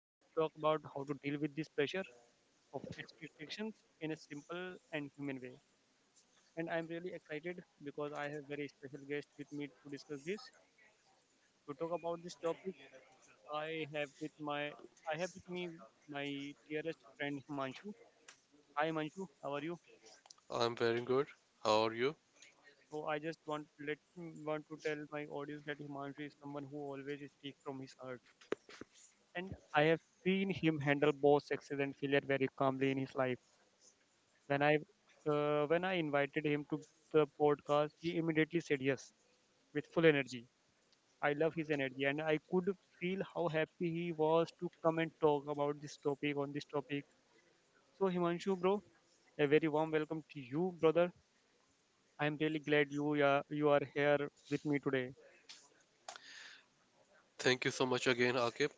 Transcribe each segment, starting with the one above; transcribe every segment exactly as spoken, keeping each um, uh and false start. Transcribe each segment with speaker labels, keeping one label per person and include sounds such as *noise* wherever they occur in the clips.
Speaker 1: we will talk about how to deal with this pressure of expectations in a simple and human way. And I'm really excited because I have very special guest with me to discuss this. To talk about this topic, I have with my I have with me my dearest friend Himanshu. Hi Himanshu, how are you?
Speaker 2: I'm very good. How are you?
Speaker 1: So I just want let want to tell my audience that Himanshu is someone who always speaks from his heart, and I have seen him handle both success and failure very calmly in his life. When I uh, when I invited him to the podcast, he immediately said yes with full energy. I love his energy, and I could feel how happy he was to come and talk about this topic on this topic. So Himanshu, bro, a very warm welcome to you, brother. I'm really glad you are you are here with me today.
Speaker 2: Thank you so much again, Akib.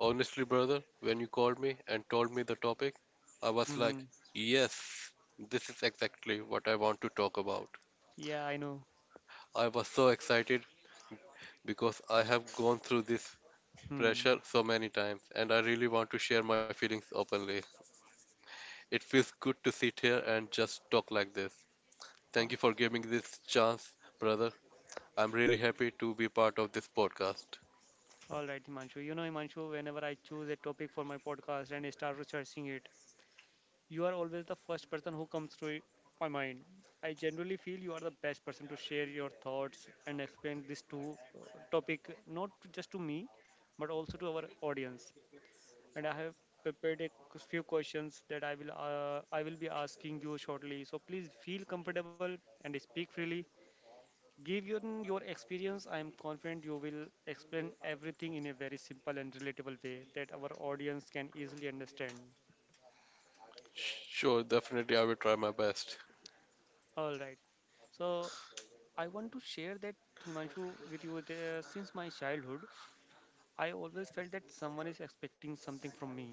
Speaker 2: Honestly, brother, when you called me and told me the topic, I was like,
Speaker 1: Hmm.
Speaker 2: yes, this is exactly what I want to talk about.
Speaker 1: Yeah, I know.
Speaker 2: I was so excited because I have gone through this
Speaker 1: Hmm.
Speaker 2: pressure so many times and I really want to share my feelings openly. It feels good to sit here and just talk like this.
Speaker 1: Uh,
Speaker 2: Thank you for giving this chance, brother. I'm really happy to be part of this podcast.
Speaker 1: All right, Himanshu. You know, Himanshu, whenever I choose a topic for my podcast and I start researching it, you are always the first person who comes to my mind. I generally feel you are the best person to share your thoughts and explain this to uh, topic not just to me but also to our audience. And I have prepared a q- few questions that I will uh, I will be asking you shortly. So please feel comfortable and speak freely. Give your your experience. I am confident you will explain everything in a very simple and relatable way that our audience can easily understand.
Speaker 2: Sure, definitely, I will try my best.
Speaker 1: All right. So I want to share that, Himanshu, with you there since my childhood, I always felt that someone is expecting something from me.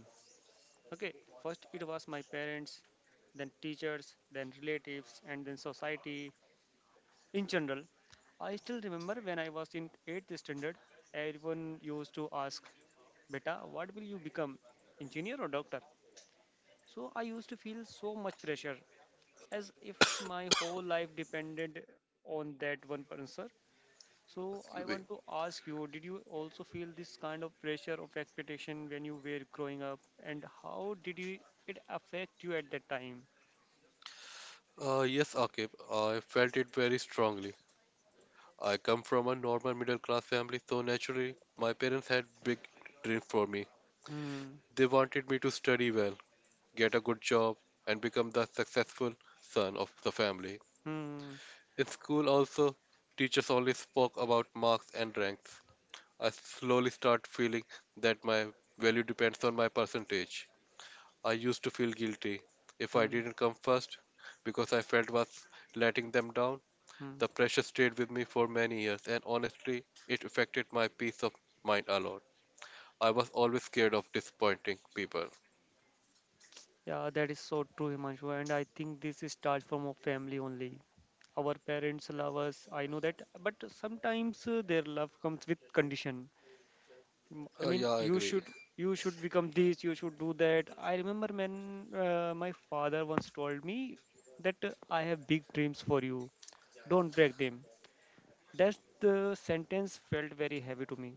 Speaker 1: Okay, first it was my parents, then teachers, then relatives, and then society in general. I still remember when I was in eighth standard, everyone used to ask, "Beta, what will you become? Engineer or doctor?" So I used to feel so much pressure as if
Speaker 2: *laughs* *coughs*
Speaker 1: my whole life depended on that one answer. So I
Speaker 2: Excuse me.
Speaker 1: want to ask you, did you also feel this kind of pressure of expectation when you were growing up, and how did you, it affect you at that time?
Speaker 2: Uh, yes, Akib, I felt it very strongly. I come from a normal middle class family, so naturally, my parents had big dreams for me.
Speaker 1: Hmm.
Speaker 2: They wanted me to study well, get a good job, and become the successful son of the family.
Speaker 1: Hmm.
Speaker 2: In school, also, teachers only spoke about marks and ranks. I slowly start feeling that my value depends on my percentage. I used to feel guilty if I
Speaker 1: Hmm.
Speaker 2: didn't come first because I felt was letting them down. The
Speaker 1: Hmm.
Speaker 2: pressure stayed with me for many years, and honestly, it affected my peace of mind a lot. I was always scared of disappointing people.
Speaker 1: Yeah, that is so true, Himanshu. And I think this is starts from our family only. Our parents love us. I know that, but sometimes uh, their love comes with condition. m- I
Speaker 2: Uh, yeah,
Speaker 1: mean,
Speaker 2: I
Speaker 1: you
Speaker 2: agree.
Speaker 1: should you should become this, you should do that. I remember when uh, my father once told me that uh, I have big dreams for you. Don't break them. That the sentence felt very heavy to me.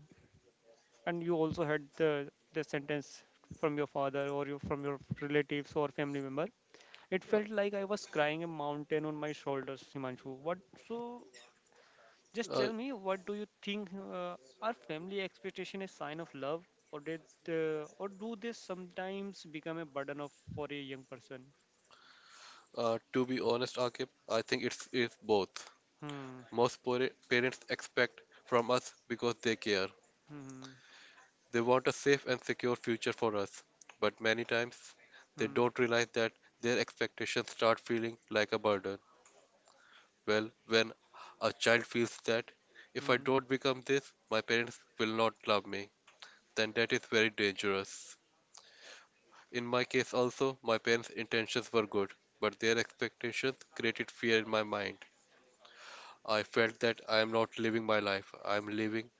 Speaker 1: And you also heard the the sentence from your father or your, from your relatives or family member. It
Speaker 2: Uh,
Speaker 1: felt like I was crying a mountain on my shoulders, Himanshu. What? So just
Speaker 2: uh,
Speaker 1: tell me, what do you think? Uh, are family expectation a sign of love, or did, uh, or do they sometimes become a burden of for a young person?
Speaker 2: uh, to be honest, Akib, I think it's, it's both.
Speaker 1: Hmm.
Speaker 2: Most pare- parents expect from us because they care.
Speaker 1: Hmm.
Speaker 2: They want a safe and secure future for us, but many times they
Speaker 1: Hmm.
Speaker 2: don't realize that their expectations start feeling like a burden. Well, when a child feels that if I
Speaker 1: Hmm.
Speaker 2: don't become this, my parents will not love me, then that is very dangerous. In my case, also, my parents' intentions were good, but their expectations created fear in my mind. I felt that I am not living my life, I am living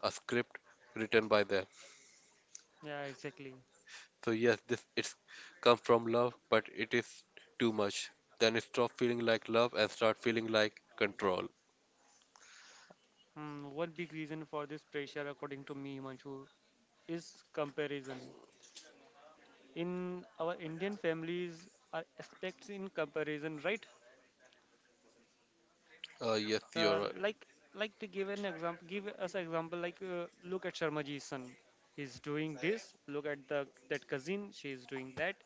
Speaker 2: a script written by them.
Speaker 1: Yeah, exactly.
Speaker 2: So, yes, this it's come from love, but it is too much. Then it stop feeling like love and start feeling like control.
Speaker 1: Hmm. One big reason for this pressure, according to me, Manchu, is comparison. In our Indian families, are aspects in comparison, right?
Speaker 2: Uh, yes, you're
Speaker 1: Uh,
Speaker 2: right.
Speaker 1: like like, to give an example, give us an example like uh, look at Sharmaji's son, he's doing this, look at the that cousin, she's doing that.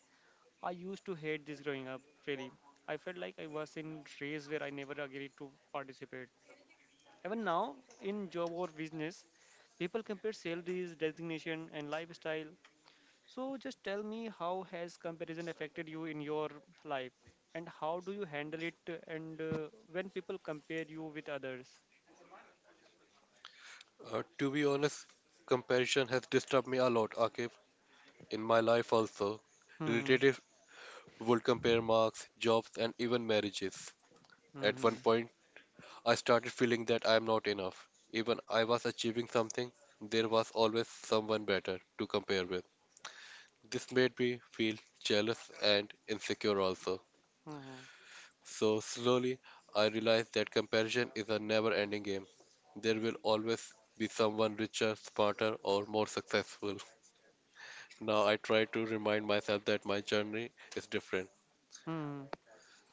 Speaker 1: I used to hate this growing up, really. I felt like I was in race where I never agreed to participate. Even now in job or business, people compare salaries, designation, and lifestyle. So just tell me, how has comparison affected you in your life, and how do you handle it, uh, and uh, when people compare you with others?
Speaker 2: Uh, to be honest, comparison has disturbed me a lot, Akif, in my life also.
Speaker 1: Hmm.
Speaker 2: Related would compare marks, jobs, and even marriages. At one
Speaker 1: Mm-hmm.
Speaker 2: point, I started feeling that I am not enough. Even I was achieving something, there was always someone better to compare with. This made me feel jealous and insecure also.
Speaker 1: Mm-hmm.
Speaker 2: So slowly, I realized that comparison is a never-ending game. There will always be someone richer, smarter, or more successful. Now I try to remind myself that my journey is different.
Speaker 1: Hmm.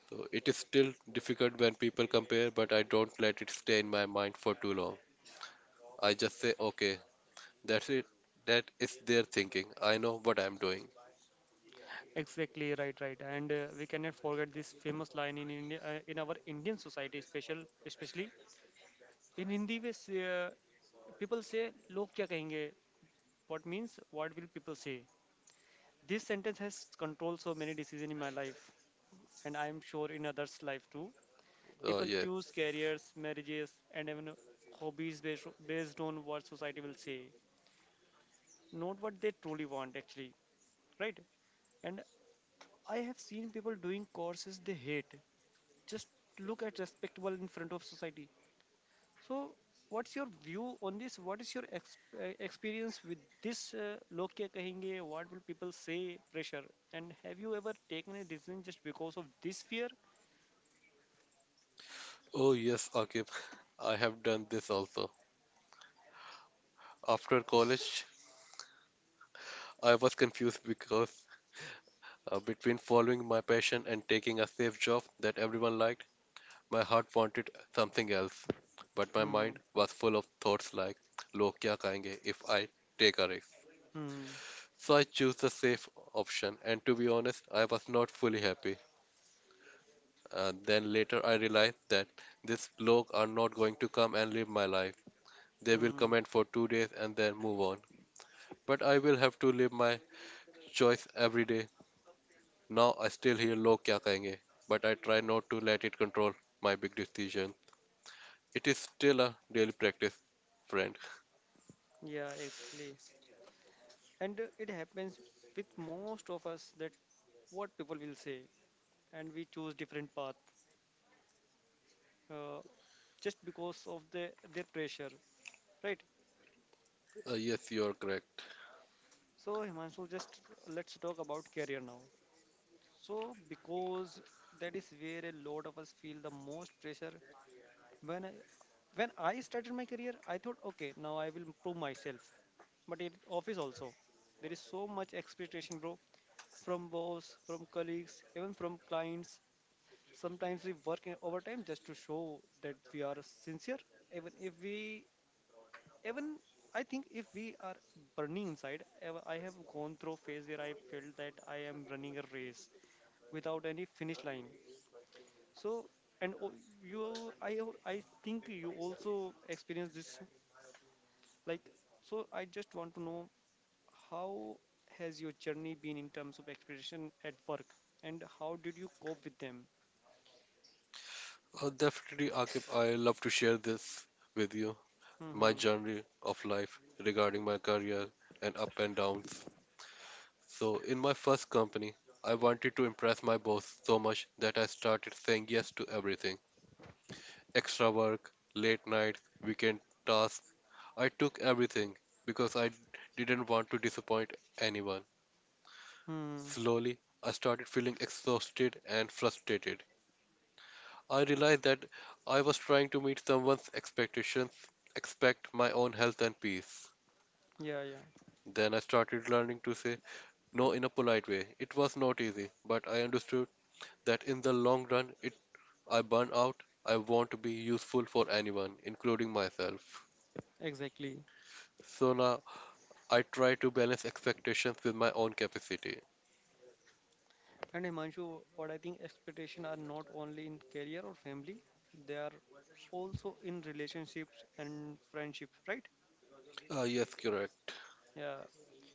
Speaker 2: So it is still difficult when people compare, but I don't let it stay in my mind for too long. I just say, okay, that's it. That is their thinking. I know what I'm doing.
Speaker 1: Exactly. Right, right, and uh, we cannot forget this famous line in India, uh, in our Indian society, special, especially in Hindi. We say, uh, people say "लोग क्या कहेंगे?" What means "What will people say?" This sentence has controlled so many decisions in my life, and I am sure in others' life too.
Speaker 2: Oh,
Speaker 1: People
Speaker 2: yes.
Speaker 1: choose careers, marriages, and even hobbies based, based on what society will say, not what they truly want, actually, right? And I have seen people doing courses they hate. Just look at respectable in front of society. So, what's your view on this? What is your ex- uh, experience with this? Uh, log kya kahenge? What will people say? Pressure. And have you ever taken a decision just because of this fear?
Speaker 2: Oh, yes, Akib. *laughs* I have done this also. After college, I was confused because uh, between following my passion and taking a safe job that everyone liked, my heart wanted something else. But my
Speaker 1: Hmm.
Speaker 2: mind was full of thoughts like, log kya kahenge if I take a risk?
Speaker 1: Hmm.
Speaker 2: So I choose the safe option, and to be honest, I was not fully happy. Uh, then later I realized that this bloke are not going to come and live my life. They will
Speaker 1: Hmm.
Speaker 2: comment for two days and then move on. But I will have to live my choice every day. Now I still hear log kya kahenge, but I try not to let it control my big decision. It is still a daily practice, friend.
Speaker 1: Yeah, exactly. And uh, it happens with most of us that what people will say, and we choose different path, uh, just because of the their pressure, right?
Speaker 2: Uh, yes, you are correct.
Speaker 1: So, Himanshu, just let's talk about career now. So, because that is where a lot of us feel the most pressure. When I, when I started my career, I thought, okay, now I will prove myself. But in office also, there is so much expectation, bro, from boss, from colleagues, even from clients. Sometimes we work in overtime just to show that we are sincere, even if we even I think if we are burning inside. ever- I have gone through a phase where I felt that I am running a race without any finish line. So, and o- you, I, al- I think you also experience this. Like, so I just want to know how has your journey been in terms of expectation at work, and how did you cope with them?
Speaker 2: Uh, definitely, Akib, I love to share this with you. My
Speaker 1: Hmm.
Speaker 2: journey of life regarding my career and up and downs. So, in my first company, I wanted to impress my boss so much that I started saying yes to everything extra work, late nights, weekend tasks. I took everything because I didn't want to disappoint anyone.
Speaker 1: Hmm.
Speaker 2: Slowly, I started feeling exhausted and frustrated. I realized that I was trying to meet someone's expectations, expect my own health and peace.
Speaker 1: Yeah. Yeah.
Speaker 2: Then I started learning to say No, in a polite way. It was not easy, but I understood that in the long run, it I burn out. I want to be useful for anyone, including myself.
Speaker 1: Exactly.
Speaker 2: So now I try to balance expectations with my own capacity.
Speaker 1: And Himanshu, what I think expectations are not only in career or family, they are also in relationships and friendships, right?
Speaker 2: Ah, yes, correct.
Speaker 1: Yeah.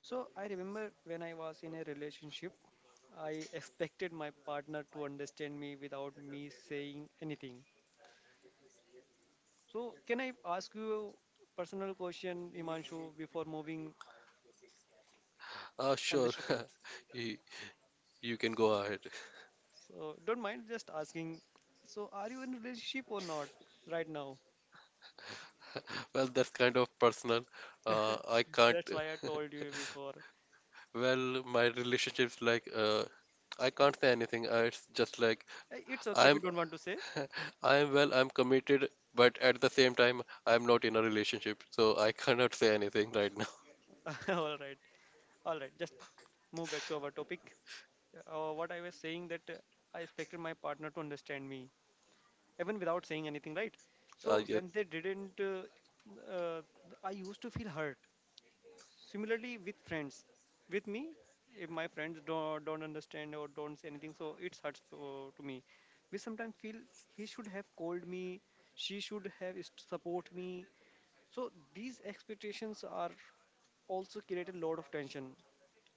Speaker 1: So I remember when I was in a relationship, I expected my partner to understand me without me saying anything. So can I ask you a personal question, Himanshu, before moving
Speaker 2: Ah,
Speaker 1: on
Speaker 2: sure.
Speaker 1: this topic?
Speaker 2: *laughs* you, you can go ahead.
Speaker 1: So don't mind just asking. So are you in relationship or not right now?
Speaker 2: Well, that's kind of personal. Uh, I
Speaker 1: *laughs*
Speaker 2: can't.
Speaker 1: That's
Speaker 2: *laughs*
Speaker 1: why I told you before.
Speaker 2: Well, my relationships like uh, I can't say anything. Uh, It's just like
Speaker 1: Uh, It's okay if you
Speaker 2: I'm
Speaker 1: don't want to say.
Speaker 2: I am well, I'm committed, but at the same time, I'm not in a relationship, so I cannot say anything right now. *laughs*
Speaker 1: *laughs* All right. All right. Just move back to our topic. Uh, what I was saying that uh, I expected my partner to understand me even without saying anything, right?
Speaker 2: Uh,
Speaker 1: So when
Speaker 2: yes.
Speaker 1: they didn't, uh, uh, I used to feel hurt. Similarly with friends, with me, if my friends don't don't understand or don't say anything, so it hurts for, to me. We sometimes feel he should have called me, she should have s- support me. So these expectations are also create a lot of tension.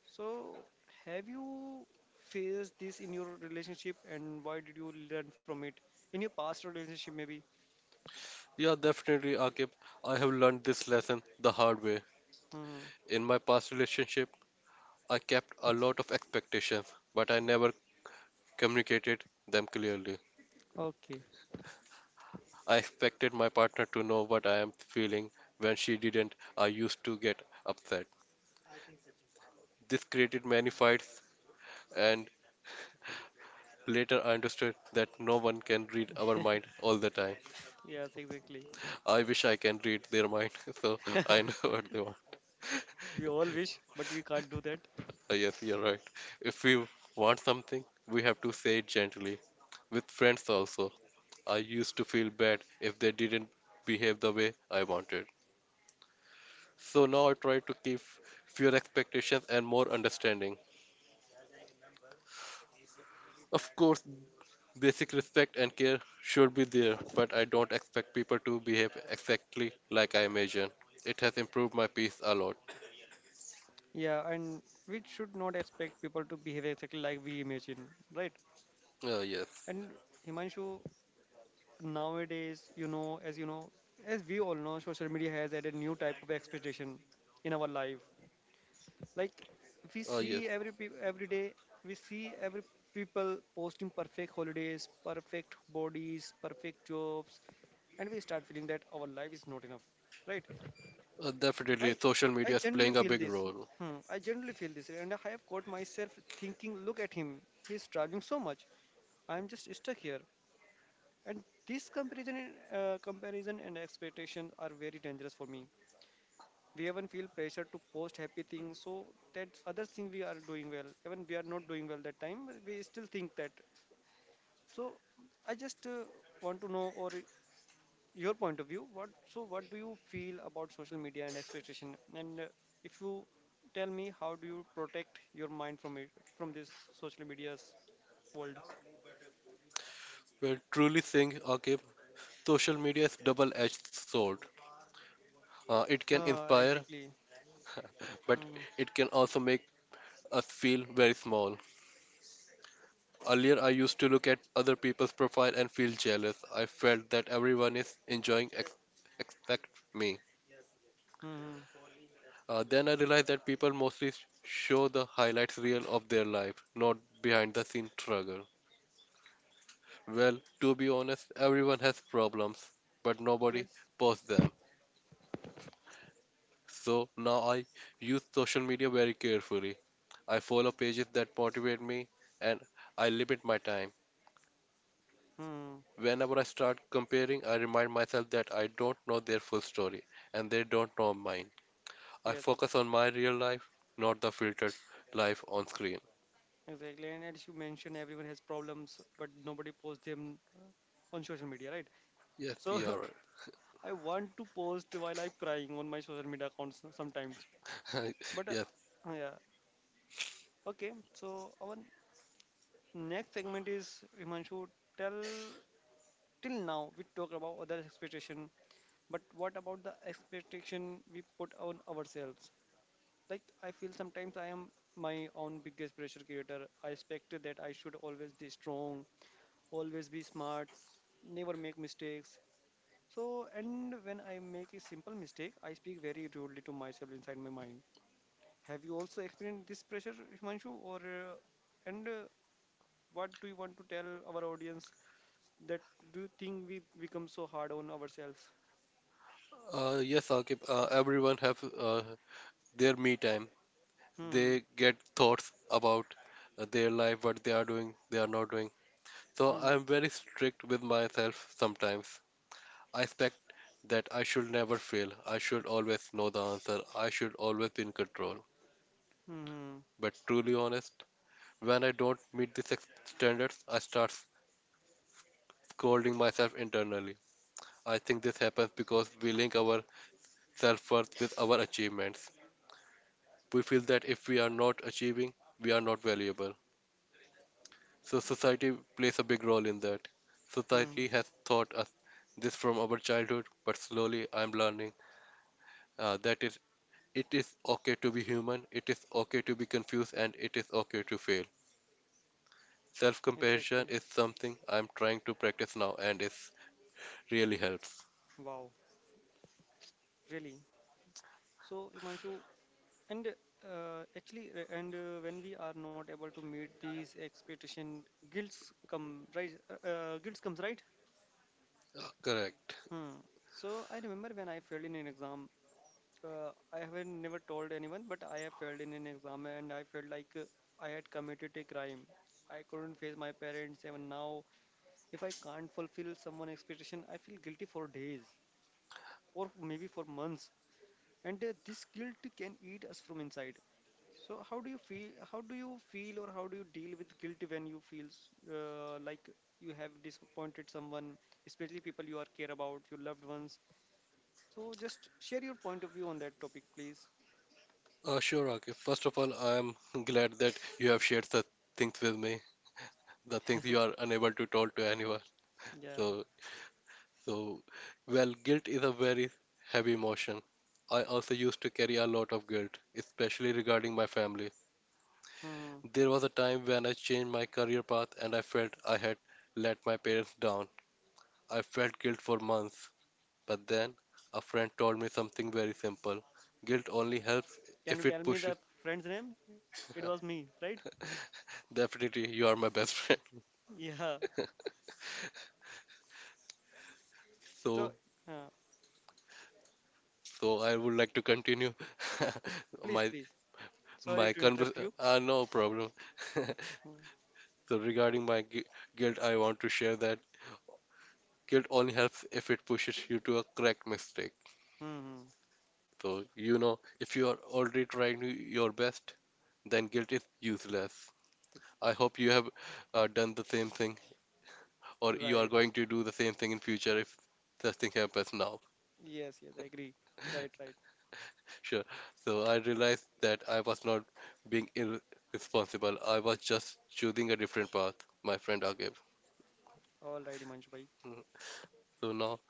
Speaker 1: So, have you faced this in your relationship and why did you learn from it? In your past relationship, maybe?
Speaker 2: Yeah, definitely, Akib. I have learned this lesson the hard way.
Speaker 1: Hmm.
Speaker 2: In my past relationship, I kept a lot of expectations, but I never communicated them clearly.
Speaker 1: Okay.
Speaker 2: I expected my partner to know what I am feeling. When she didn't, I used to get upset. This created many fights, and later I understood that no one can read our mind all the time.
Speaker 1: Yes, exactly.
Speaker 2: I wish I can read their mind, *laughs* so I know
Speaker 1: *laughs*
Speaker 2: *laughs* what they want. *laughs*
Speaker 1: We all wish, but we can't do that.
Speaker 2: Uh, Yes, you're right. If we want something, we have to say it gently. With friends also, I used to feel bad if they didn't behave the way I wanted. So now I try to keep fewer expectations and more understanding. Of course, basic respect and care should be there, but I don't expect people to behave exactly like I imagine. It has improved my peace a lot.
Speaker 1: Yeah, and we should not expect people to behave exactly like we imagine, right?
Speaker 2: Uh, yes.
Speaker 1: And Himanshu, nowadays, you know, as you know, as we all know, social media has added new type of expectation in our life. Like, we
Speaker 2: Uh, yes.
Speaker 1: see every pe- every day we see every people posting perfect holidays, perfect bodies, perfect jobs, and we start feeling that our life is not enough, right?
Speaker 2: Uh,
Speaker 1: i
Speaker 2: definitely, social
Speaker 1: i
Speaker 2: media is
Speaker 1: generally
Speaker 2: playing a
Speaker 1: feel
Speaker 2: big
Speaker 1: this.
Speaker 2: role.
Speaker 1: Hmm, I generally feel this, and I have caught myself thinking, look at him, he's traveling so much, I'm just stuck here. And this comparison and, uh, comparison and expectation are very dangerous for me. We even feel pressure to post happy things so that other thing we are doing well, even we are not doing well that time, we still think that. So I just uh, want to know or your point of view, what, so what do you feel about social media and expectation, and uh, if you tell me, how do you protect your mind from it, from this social media's world?
Speaker 2: We're truly saying, okay, social media is double-edged sword. Uh, it can
Speaker 1: Ah,
Speaker 2: inspire,
Speaker 1: exactly.
Speaker 2: but
Speaker 1: Hmm.
Speaker 2: it can also make us feel very small. Earlier, I used to look at other people's profile and feel jealous. I felt that everyone is enjoying ex except me.
Speaker 1: Hmm.
Speaker 2: Uh, then I realized that people mostly s- show the highlights reel of their life, not behind the scene struggle. Well, to be honest, everyone has problems, but nobody
Speaker 1: Yes.
Speaker 2: posts them. So now I use social media very carefully. I follow pages that motivate me and I limit my time.
Speaker 1: Hmm.
Speaker 2: Whenever I start comparing, I remind myself that I don't know their full story and they don't know mine. I
Speaker 1: Yes. Ex-
Speaker 2: focus on my real life, not the filtered life on screen.
Speaker 1: exactly, and as you mentioned, everyone has problems but nobody posts them on social media, right?
Speaker 2: Yes,
Speaker 1: So
Speaker 2: you are
Speaker 1: *laughs* I want to post while I'm crying on my social media accounts sometimes.
Speaker 2: right.
Speaker 1: But
Speaker 2: *laughs*
Speaker 1: uh,
Speaker 2: Yes,
Speaker 1: Yeah, okay. So our next segment is, Himanshu, tell, till now we talk about others' expectation, but what about the expectation we put on ourselves? Like, I feel sometimes I am my own biggest pressure creator. I expect that I should always be strong, always be smart, never make mistakes. So, and when I make a simple mistake, I speak very rudely to myself inside my mind. Have you also experienced this pressure, Himanshu? Or uh, and uh, What do you want to tell our audience that do you think we become so hard on ourselves?
Speaker 2: uh, yes, Akib, uh, everyone have uh, their me time.
Speaker 1: Hmm.
Speaker 2: They get thoughts about uh, their life, what they are doing, they are not doing. So
Speaker 1: Hmm.
Speaker 2: I'm very strict with myself sometimes. I expect that I should never fail. I should always know the answer. I should always be in control.
Speaker 1: Hmm. Hmm.
Speaker 2: But truly honest, when I don't meet these ex- standards, I start scolding myself internally. I think this happens because we link our self-worth with our achievements. We feel that if we are not achieving, we are not valuable. So society plays a big role in that.
Speaker 1: Hmm.
Speaker 2: Society has taught us this from our childhood, but slowly I'm learning uh, that is, it is okay to be human, it is okay to be confused, and it is okay to fail. Self compassion
Speaker 1: Exactly.
Speaker 2: is something I'm trying to practice now and it really helps.
Speaker 1: Wow. Really. So, Himanshu, and uh, actually, uh, and uh, when we are not able to meet these expectation, guilt come right. Uh, uh, guilt comes right.
Speaker 2: Uh, correct.
Speaker 1: Hmm. So I remember when I failed in an exam. Uh, I have never told anyone, but I have failed in an exam, and I felt like uh, I had committed a crime. I couldn't face my parents, even now. If I can't fulfill someone's expectation, I feel guilty for days, or maybe for months. And uh, This guilt can eat us from inside. So how do you feel? How do you feel, or how do you deal with guilt when you feel uh, like you have disappointed someone, especially people you are care about, your loved ones? So just share your point of view on that topic, please.
Speaker 2: Uh, sure, okay. First of all, I'm glad that you have shared the things with me, the things you are unable to tell to anyone.
Speaker 1: Yeah.
Speaker 2: So, so, well, guilt is a very heavy emotion. I also used to carry a lot of guilt, especially regarding my family.
Speaker 1: Hmm.
Speaker 2: There was a time when I changed my career path and I felt I had let my parents down. I felt guilt for months, but then a friend told me something very simple. Guilt only helps
Speaker 1: Can you
Speaker 2: if
Speaker 1: tell
Speaker 2: it
Speaker 1: me
Speaker 2: pushes.
Speaker 1: the friend's name? It was me, right?
Speaker 2: Definitely, you are my best *laughs* friend.
Speaker 1: Yeah. So,
Speaker 2: So,
Speaker 1: uh,
Speaker 2: so I would like to continue *laughs*
Speaker 1: please,
Speaker 2: my
Speaker 1: please. Sorry
Speaker 2: my
Speaker 1: to
Speaker 2: convers.
Speaker 1: interrupt you.
Speaker 2: Uh, no problem. *laughs*
Speaker 1: Hmm.
Speaker 2: So regarding my gui- guilt, I want to share that guilt only helps if it pushes you to a correct mistake.
Speaker 1: Hmm.
Speaker 2: So you know, if you are already trying your best, then guilt is useless.
Speaker 1: It's
Speaker 2: I hope you have uh, done the same thing or you are
Speaker 1: right.
Speaker 2: going to do the same thing in future if such thing happens now.
Speaker 1: Yes, yes, I agree. Right, right.
Speaker 2: Sure. So I realized that I was not being irresponsible. I was just choosing a different path, my friend Agib.
Speaker 1: All right, Himanshu bhai.
Speaker 2: Mm. So now,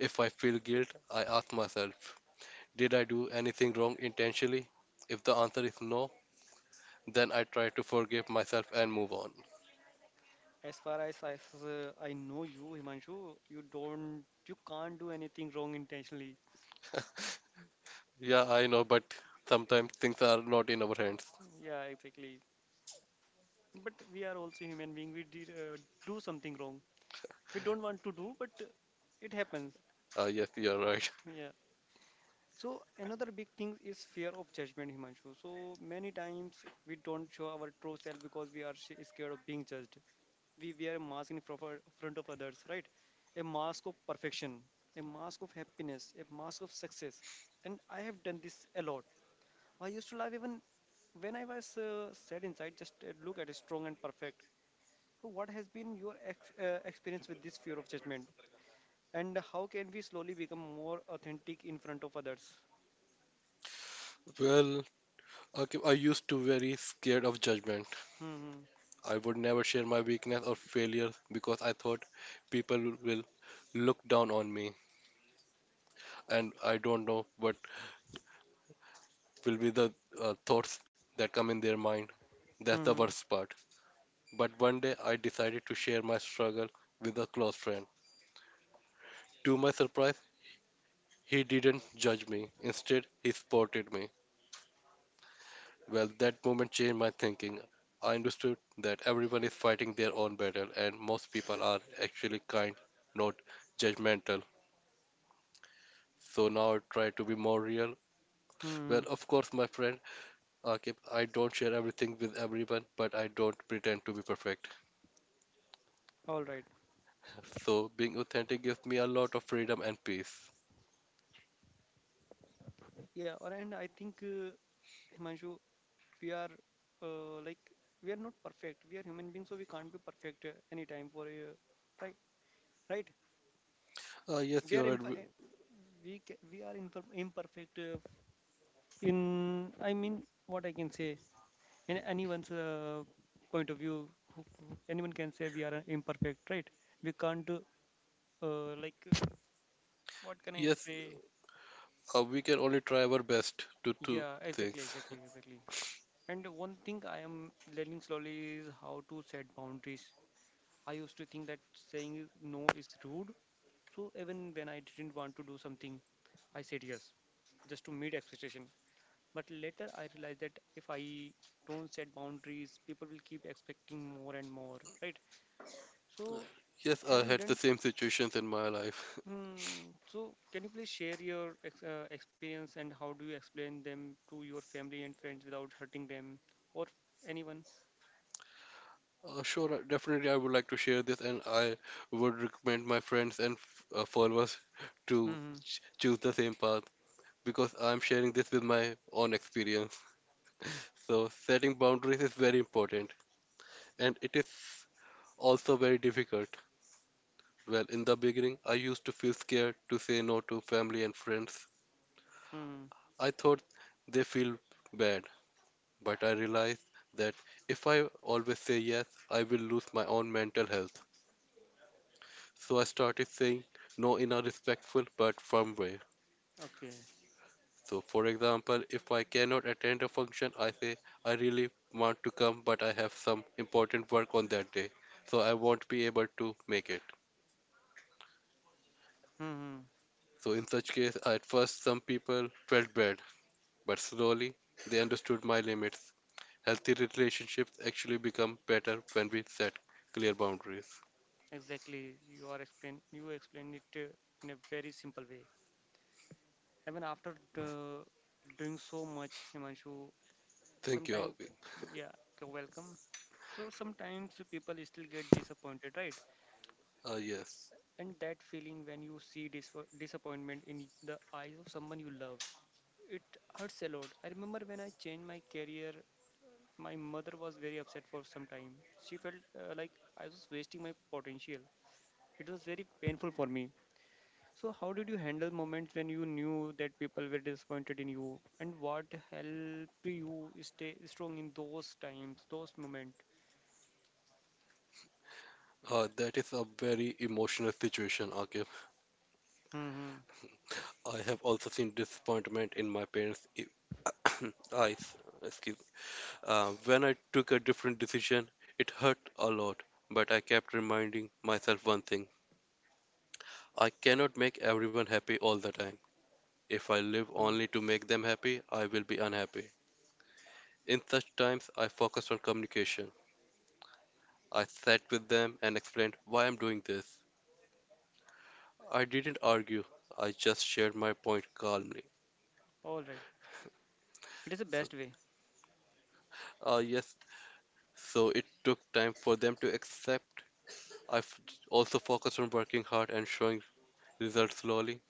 Speaker 2: if I feel guilt, I ask myself, did I do anything wrong intentionally? If the answer is no, then I try to forgive myself and move on.
Speaker 1: As far as I, s- uh, I know you, Himanshu, you don't, you can't do anything wrong intentionally.
Speaker 2: Yeah, I know, but sometimes things are not in our hands.
Speaker 1: Yeah, exactly. But we are also human being. We did uh, Do something wrong. We don't want to do, but uh, it happens.
Speaker 2: Uh, yes, you're right.
Speaker 1: Yeah. So another big thing is fear of judgment, Himanshu. So many times we don't show our true self because we are sh- scared of being judged. We wear a mask in proper- front of others, right? A mask of perfection, a mask of happiness, a mask of success. And I have done this a lot. I used to love even when I was uh, sad inside, just uh, look at it strong and perfect. So what has been your ex- uh, experience with this fear of judgment? And how can we slowly become more authentic in front of others?
Speaker 2: Well, okay, I used to very scared of judgment.
Speaker 1: Hmm. Hmm.
Speaker 2: I would never share my weakness or failure because I thought people will look down on me, and I don't know what will be the uh, thoughts that come in their mind. That's the
Speaker 1: Mm-hmm.
Speaker 2: worst part. But one day I decided to share my struggle with a close friend. To my surprise, he didn't judge me. Instead, he supported me. Well, that moment changed my thinking. I understood that everyone is fighting their own battle, and most people are actually kind, not judgmental. So now I try to be more real.
Speaker 1: Hmm.
Speaker 2: Well,
Speaker 1: Hmm.
Speaker 2: of course, my friend, Akib, I don't share everything with everyone, but I don't pretend to be perfect.
Speaker 1: All right.
Speaker 2: So being authentic gives me a lot of freedom and peace.
Speaker 1: Yeah. or- And I think, uh, Himanshu, we are uh, like we are not perfect. We are human beings, so we can't be perfect uh, any time for uh, right. Right.
Speaker 2: Uh, yes,
Speaker 1: We
Speaker 2: you're
Speaker 1: are
Speaker 2: right.
Speaker 1: imp-
Speaker 2: W-
Speaker 1: we ca- we are imper- imperfect. Uh, in I mean, what I can say in anyone's uh, point of view, who- who- anyone can say we are uh, imperfect, right? We can't uh, uh, like uh, What can I
Speaker 2: Yes,
Speaker 1: say?
Speaker 2: uh, we can only try our best to do
Speaker 1: Yeah. Exactly.
Speaker 2: things.
Speaker 1: Exactly.
Speaker 2: *laughs*
Speaker 1: Exactly. And one thing I am learning slowly is how to set boundaries. I used to think that saying no is rude. So even when I didn't want to do something, I said yes, just to meet expectation. But later I realized that if I don't set boundaries, people will keep expecting more and more, right? So
Speaker 2: Yes,
Speaker 1: have
Speaker 2: I
Speaker 1: you
Speaker 2: had the
Speaker 1: learned?
Speaker 2: same situations in my life.
Speaker 1: Hmm, so can you please share your ex uh, experience and how do you explain them to your family and friends without hurting them or anyone?
Speaker 2: Uh, sure, I- definitely, I would like to share this, and I would recommend my friends and f- uh, followers to
Speaker 1: Hmm.
Speaker 2: ch choose the same path because I'm sharing this with my own experience. So, setting boundaries is very important, and it is also very difficult. Well, in the beginning, I used to feel scared to say no to family and friends.
Speaker 1: Hmm.
Speaker 2: I thought they feel bad, but I realized that if I always say yes, I will lose my own mental health. So I started saying no in a respectful but firm way.
Speaker 1: Okay.
Speaker 2: So, for example, if I cannot attend a function, I say I really want to come, but I have some important work on that day, so I won't be able to make it.
Speaker 1: Hmm.
Speaker 2: So, in such case, at first some people felt bad, but slowly they understood my limits. Healthy relationships actually become better when we set clear boundaries.
Speaker 1: Exactly. You are explain. You explained it uh, in a very simple way. Even after uh, doing so much, Himanshu,
Speaker 2: Thank you,
Speaker 1: sometimes,
Speaker 2: Agbi.
Speaker 1: yeah, you're welcome. So sometimes people still get disappointed, right?
Speaker 2: Ah yes.
Speaker 1: And that feeling when you see dis- disappointment in the eyes of someone you love, it hurts a lot. I remember when I changed my career, my mother was very upset for some time. She felt uh, like I was wasting my potential. It was very painful for me. So, how did you handle moments when you knew that people were disappointed in you, and what helped you stay strong in those times, those moments?
Speaker 2: Uh, that is a very emotional situation, Akif.
Speaker 1: Mm-hmm.
Speaker 2: I have also seen disappointment in my parents' e- *coughs* eyes, excuse me. Uh, when I took a different decision, it hurt a lot, but I kept reminding myself one thing. I cannot make everyone happy all the time. If I live
Speaker 1: Hmm.
Speaker 2: only to make them happy, I will be unhappy. In such times, I focused on communication. I sat with them and explained why I'm doing this. I didn't argue, I just shared my point calmly.
Speaker 1: All right, it is the
Speaker 2: So,
Speaker 1: best way.
Speaker 2: uh, yes, so it took time for them to accept. I've also focused on working hard and showing results slowly.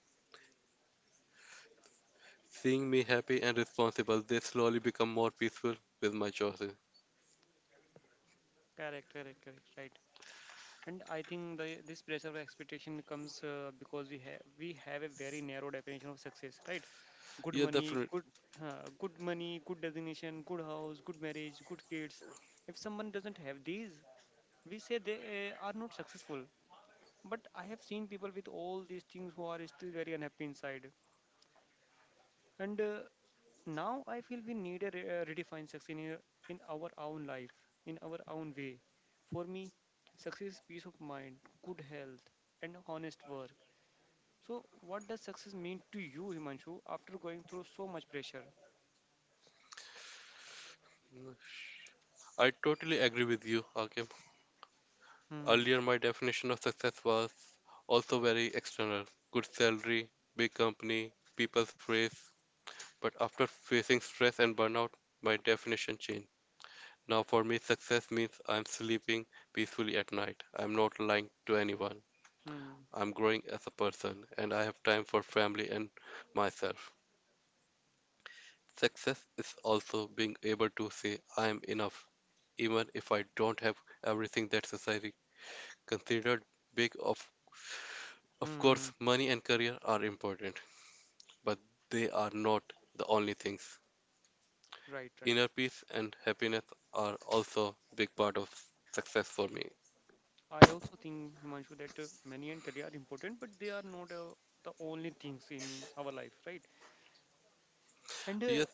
Speaker 2: Seeing me happy and responsible, they slowly become more peaceful with my choices.
Speaker 1: Correct, correct, correct. Right. And I think the this pressure of expectation comes uh, because we have we have a very narrow definition of success, right? Good
Speaker 2: Yeah,
Speaker 1: money,
Speaker 2: definitely.
Speaker 1: good uh, good money, good designation, good house, good marriage, good kids. If someone doesn't have these, we say they uh, are not successful. But I have seen people with all these things who are still very unhappy inside. And uh, Now I feel we need a re- uh, redefine success in, a- in our own life in our own way. For me, success is peace of mind, good health, and honest work. So what does success mean to you, Himanshu, after going through so much pressure?
Speaker 2: I totally agree with you, Akim.
Speaker 1: Hmm.
Speaker 2: Earlier, my definition of success was also very external: good salary, big company, people's praise. But after facing stress and burnout, my definition changed. Now, for me, success means I'm sleeping peacefully at night. I'm not lying to anyone.
Speaker 1: Hmm.
Speaker 2: I'm growing as a person and I have time for family and myself. Success is also being able to say I am enough, even if I don't have everything that society considered big of. Of
Speaker 1: Hmm.
Speaker 2: course, money and career are important, but they are not the only things.
Speaker 1: Right, right.
Speaker 2: Inner peace and happiness are also a big part of success for me.
Speaker 1: I also think, Himanshu, that uh, money and career are important, but they are not uh, the only things in our life, right? and uh,
Speaker 2: Yes,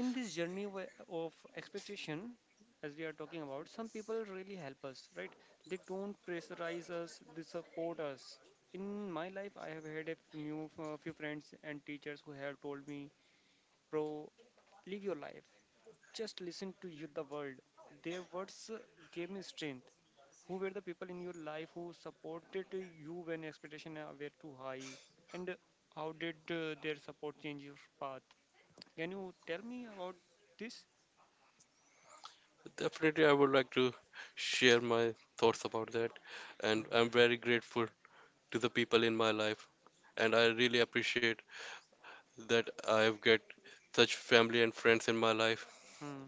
Speaker 1: In this journey wa- of expectation, as we are talking about, some people really help us, right? They don't pressurize us, they support us. In my life I have had a f- new uh, few friends and teachers who have told me, bro, live your life, just listen to you, the world. Their words uh, gave me strength. Who were the people in your life who supported you when expectations uh, were too high, and uh, how did uh, their support change your path? Can you tell me about this?
Speaker 2: definitely I would like to share my thoughts about that
Speaker 1: Hmm.
Speaker 2: and I'm very grateful to the people in my life and I really appreciate that I've got such family and friends in my life.
Speaker 1: Hmm.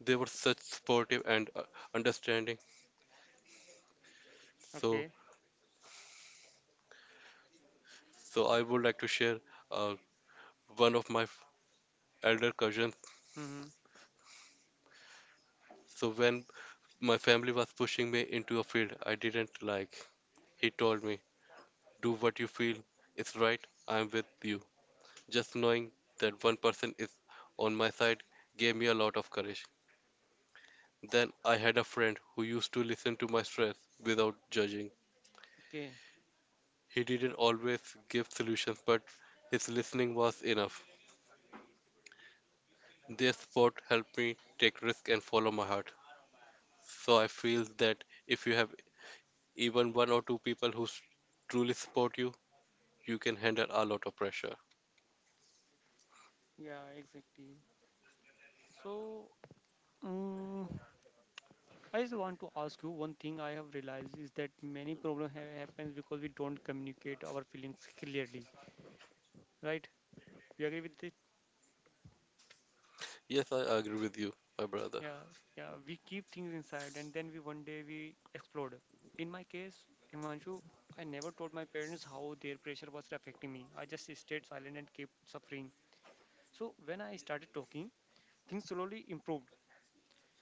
Speaker 2: They were such supportive and uh, understanding. So,
Speaker 1: Okay.
Speaker 2: so I would like to share uh, one of my f- elder cousins.
Speaker 1: Mm-hmm.
Speaker 2: So when my family was pushing me into a field I didn't like, he told me, "Do what you feel is right. I'm with you." Just knowing that one person is on my side gave me a lot of courage. Then I had a friend who used to listen to my stress without judging.
Speaker 1: Okay.
Speaker 2: He didn't always give solutions, but his listening was enough. Their support helped me take risk and follow my heart. So I feel that if you have even one or two people who s- truly support you, you can handle a lot of pressure.
Speaker 1: Yeah, exactly. So, um, I just want to ask you one thing. I have realized is that many problem ha happens because we don't communicate our feelings clearly, right? You agree with it?
Speaker 2: Yes, I agree with you, my brother.
Speaker 1: Yeah, yeah. We keep things inside and then we one day we explode. In my case, Himanshu, I never told my parents how their pressure was affecting me. I just stayed silent and kept suffering. So when I started talking, things slowly improved.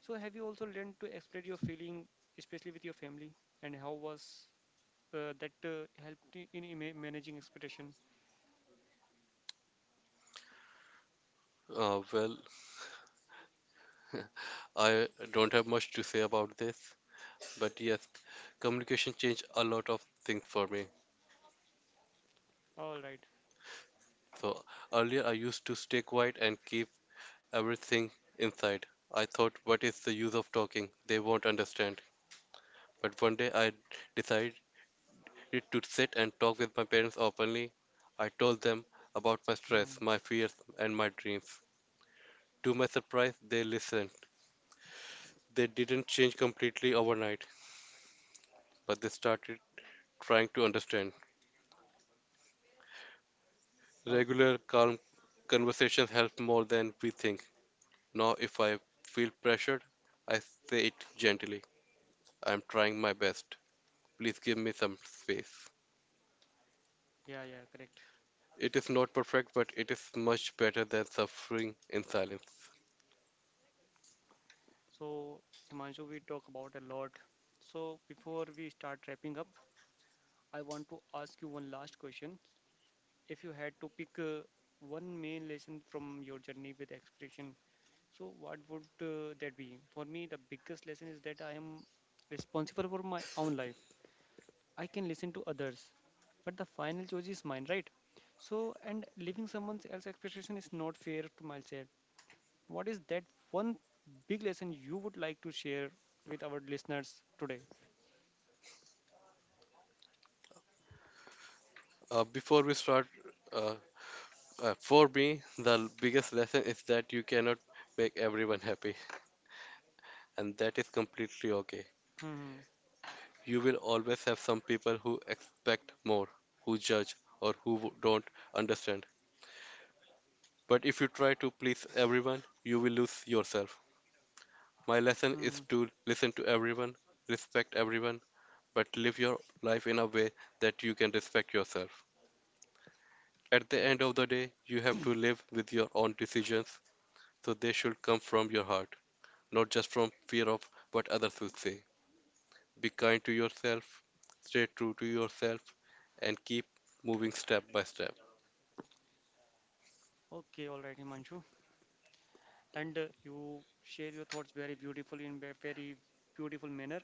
Speaker 1: So have you also learned to express your feeling, especially with your family, and how was uh, that uh, helped you in ima- managing expectation?
Speaker 2: Uh, well, *laughs* I don't have much to say about this, but yes, communication changed a lot of things for me.
Speaker 1: All right.
Speaker 2: So earlier I used to stay quiet and keep everything inside. I thought, what is the use of talking? They won't understand. But one day I decided to sit and talk with my parents openly. I told them about my stress,
Speaker 1: Hmm.
Speaker 2: my fears, and my dreams. To my surprise, they listened. They didn't change completely overnight, but they started trying to understand.
Speaker 1: Okay.
Speaker 2: Regular, calm conversations help more than we think. Now, if I feel pressured, I say it gently. I'm trying my best. Please give me some space.
Speaker 1: Yeah, yeah, correct.
Speaker 2: It is not perfect, but it is much better than suffering in silence.
Speaker 1: So, Himanshu, we talk about a lot. So before we start wrapping up, I want to ask you one last question. If you had to pick uh, one main lesson from your journey with expression, so what would uh, that be? For me, the biggest lesson is that I am responsible for my own life. I can listen to others, but the final choice is mine, right? So, and leaving someone else's expectation is not fair to myself. What is that one big lesson you would like to share with our listeners today?
Speaker 2: Uh, before we start, uh, uh, for me, the biggest lesson is that you cannot make everyone happy, and that is completely okay.
Speaker 1: Hmm.
Speaker 2: You will always have some people who expect more, who judge, or who w- don't understand. But if you try to please everyone, you will lose yourself. My lesson is
Speaker 1: Hmm.
Speaker 2: to listen to everyone, respect everyone, but live your life in a way that you can respect yourself. At the
Speaker 1: Okay.
Speaker 2: end of the day, you have to live with your own decisions, so they should come from your heart, not just from fear of what others will say. Be kind to yourself, stay true to yourself, and keep moving step by step.
Speaker 1: Okay. All right, Himanshu. And uh, You share your thoughts very beautifully in a very beautiful manner.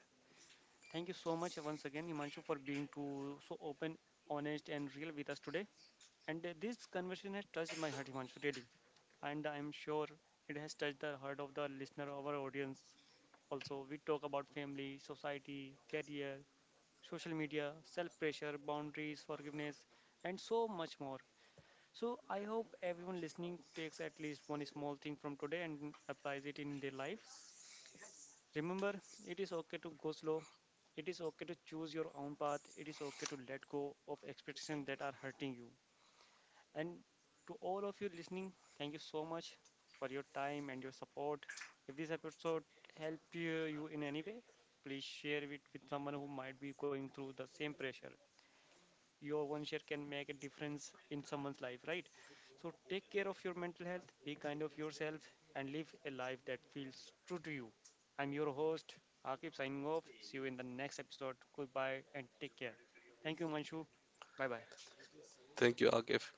Speaker 1: Thank you so much once again, Himanshu, for being too so open, honest, and real with us today. And uh, This conversation has touched my heart, Himanshu, really. And I'm sure it has touched the heart of the listener of our audience. Also, we talk about family, society, career, social media, self pressure, boundaries, forgiveness, and so much more. So, I hope everyone listening takes at least one small thing from today and applies it in their life. Remember, it is okay to go slow. It is okay to choose your own path. It is okay to let go of expectations that are hurting you. And to all of you listening, thank you so much for your time and your support. If this episode helped you you in any way, please share it with someone who might be going through the same pressure. Your one share can make a difference in someone's life, right? So take care of your mental health, be kind of yourself, and live a life that feels true to you. I'm your host, Akib, signing off. See you in the next episode. Goodbye and take care. Thank you, Manshu. Bye bye.
Speaker 2: Thank you, Agif.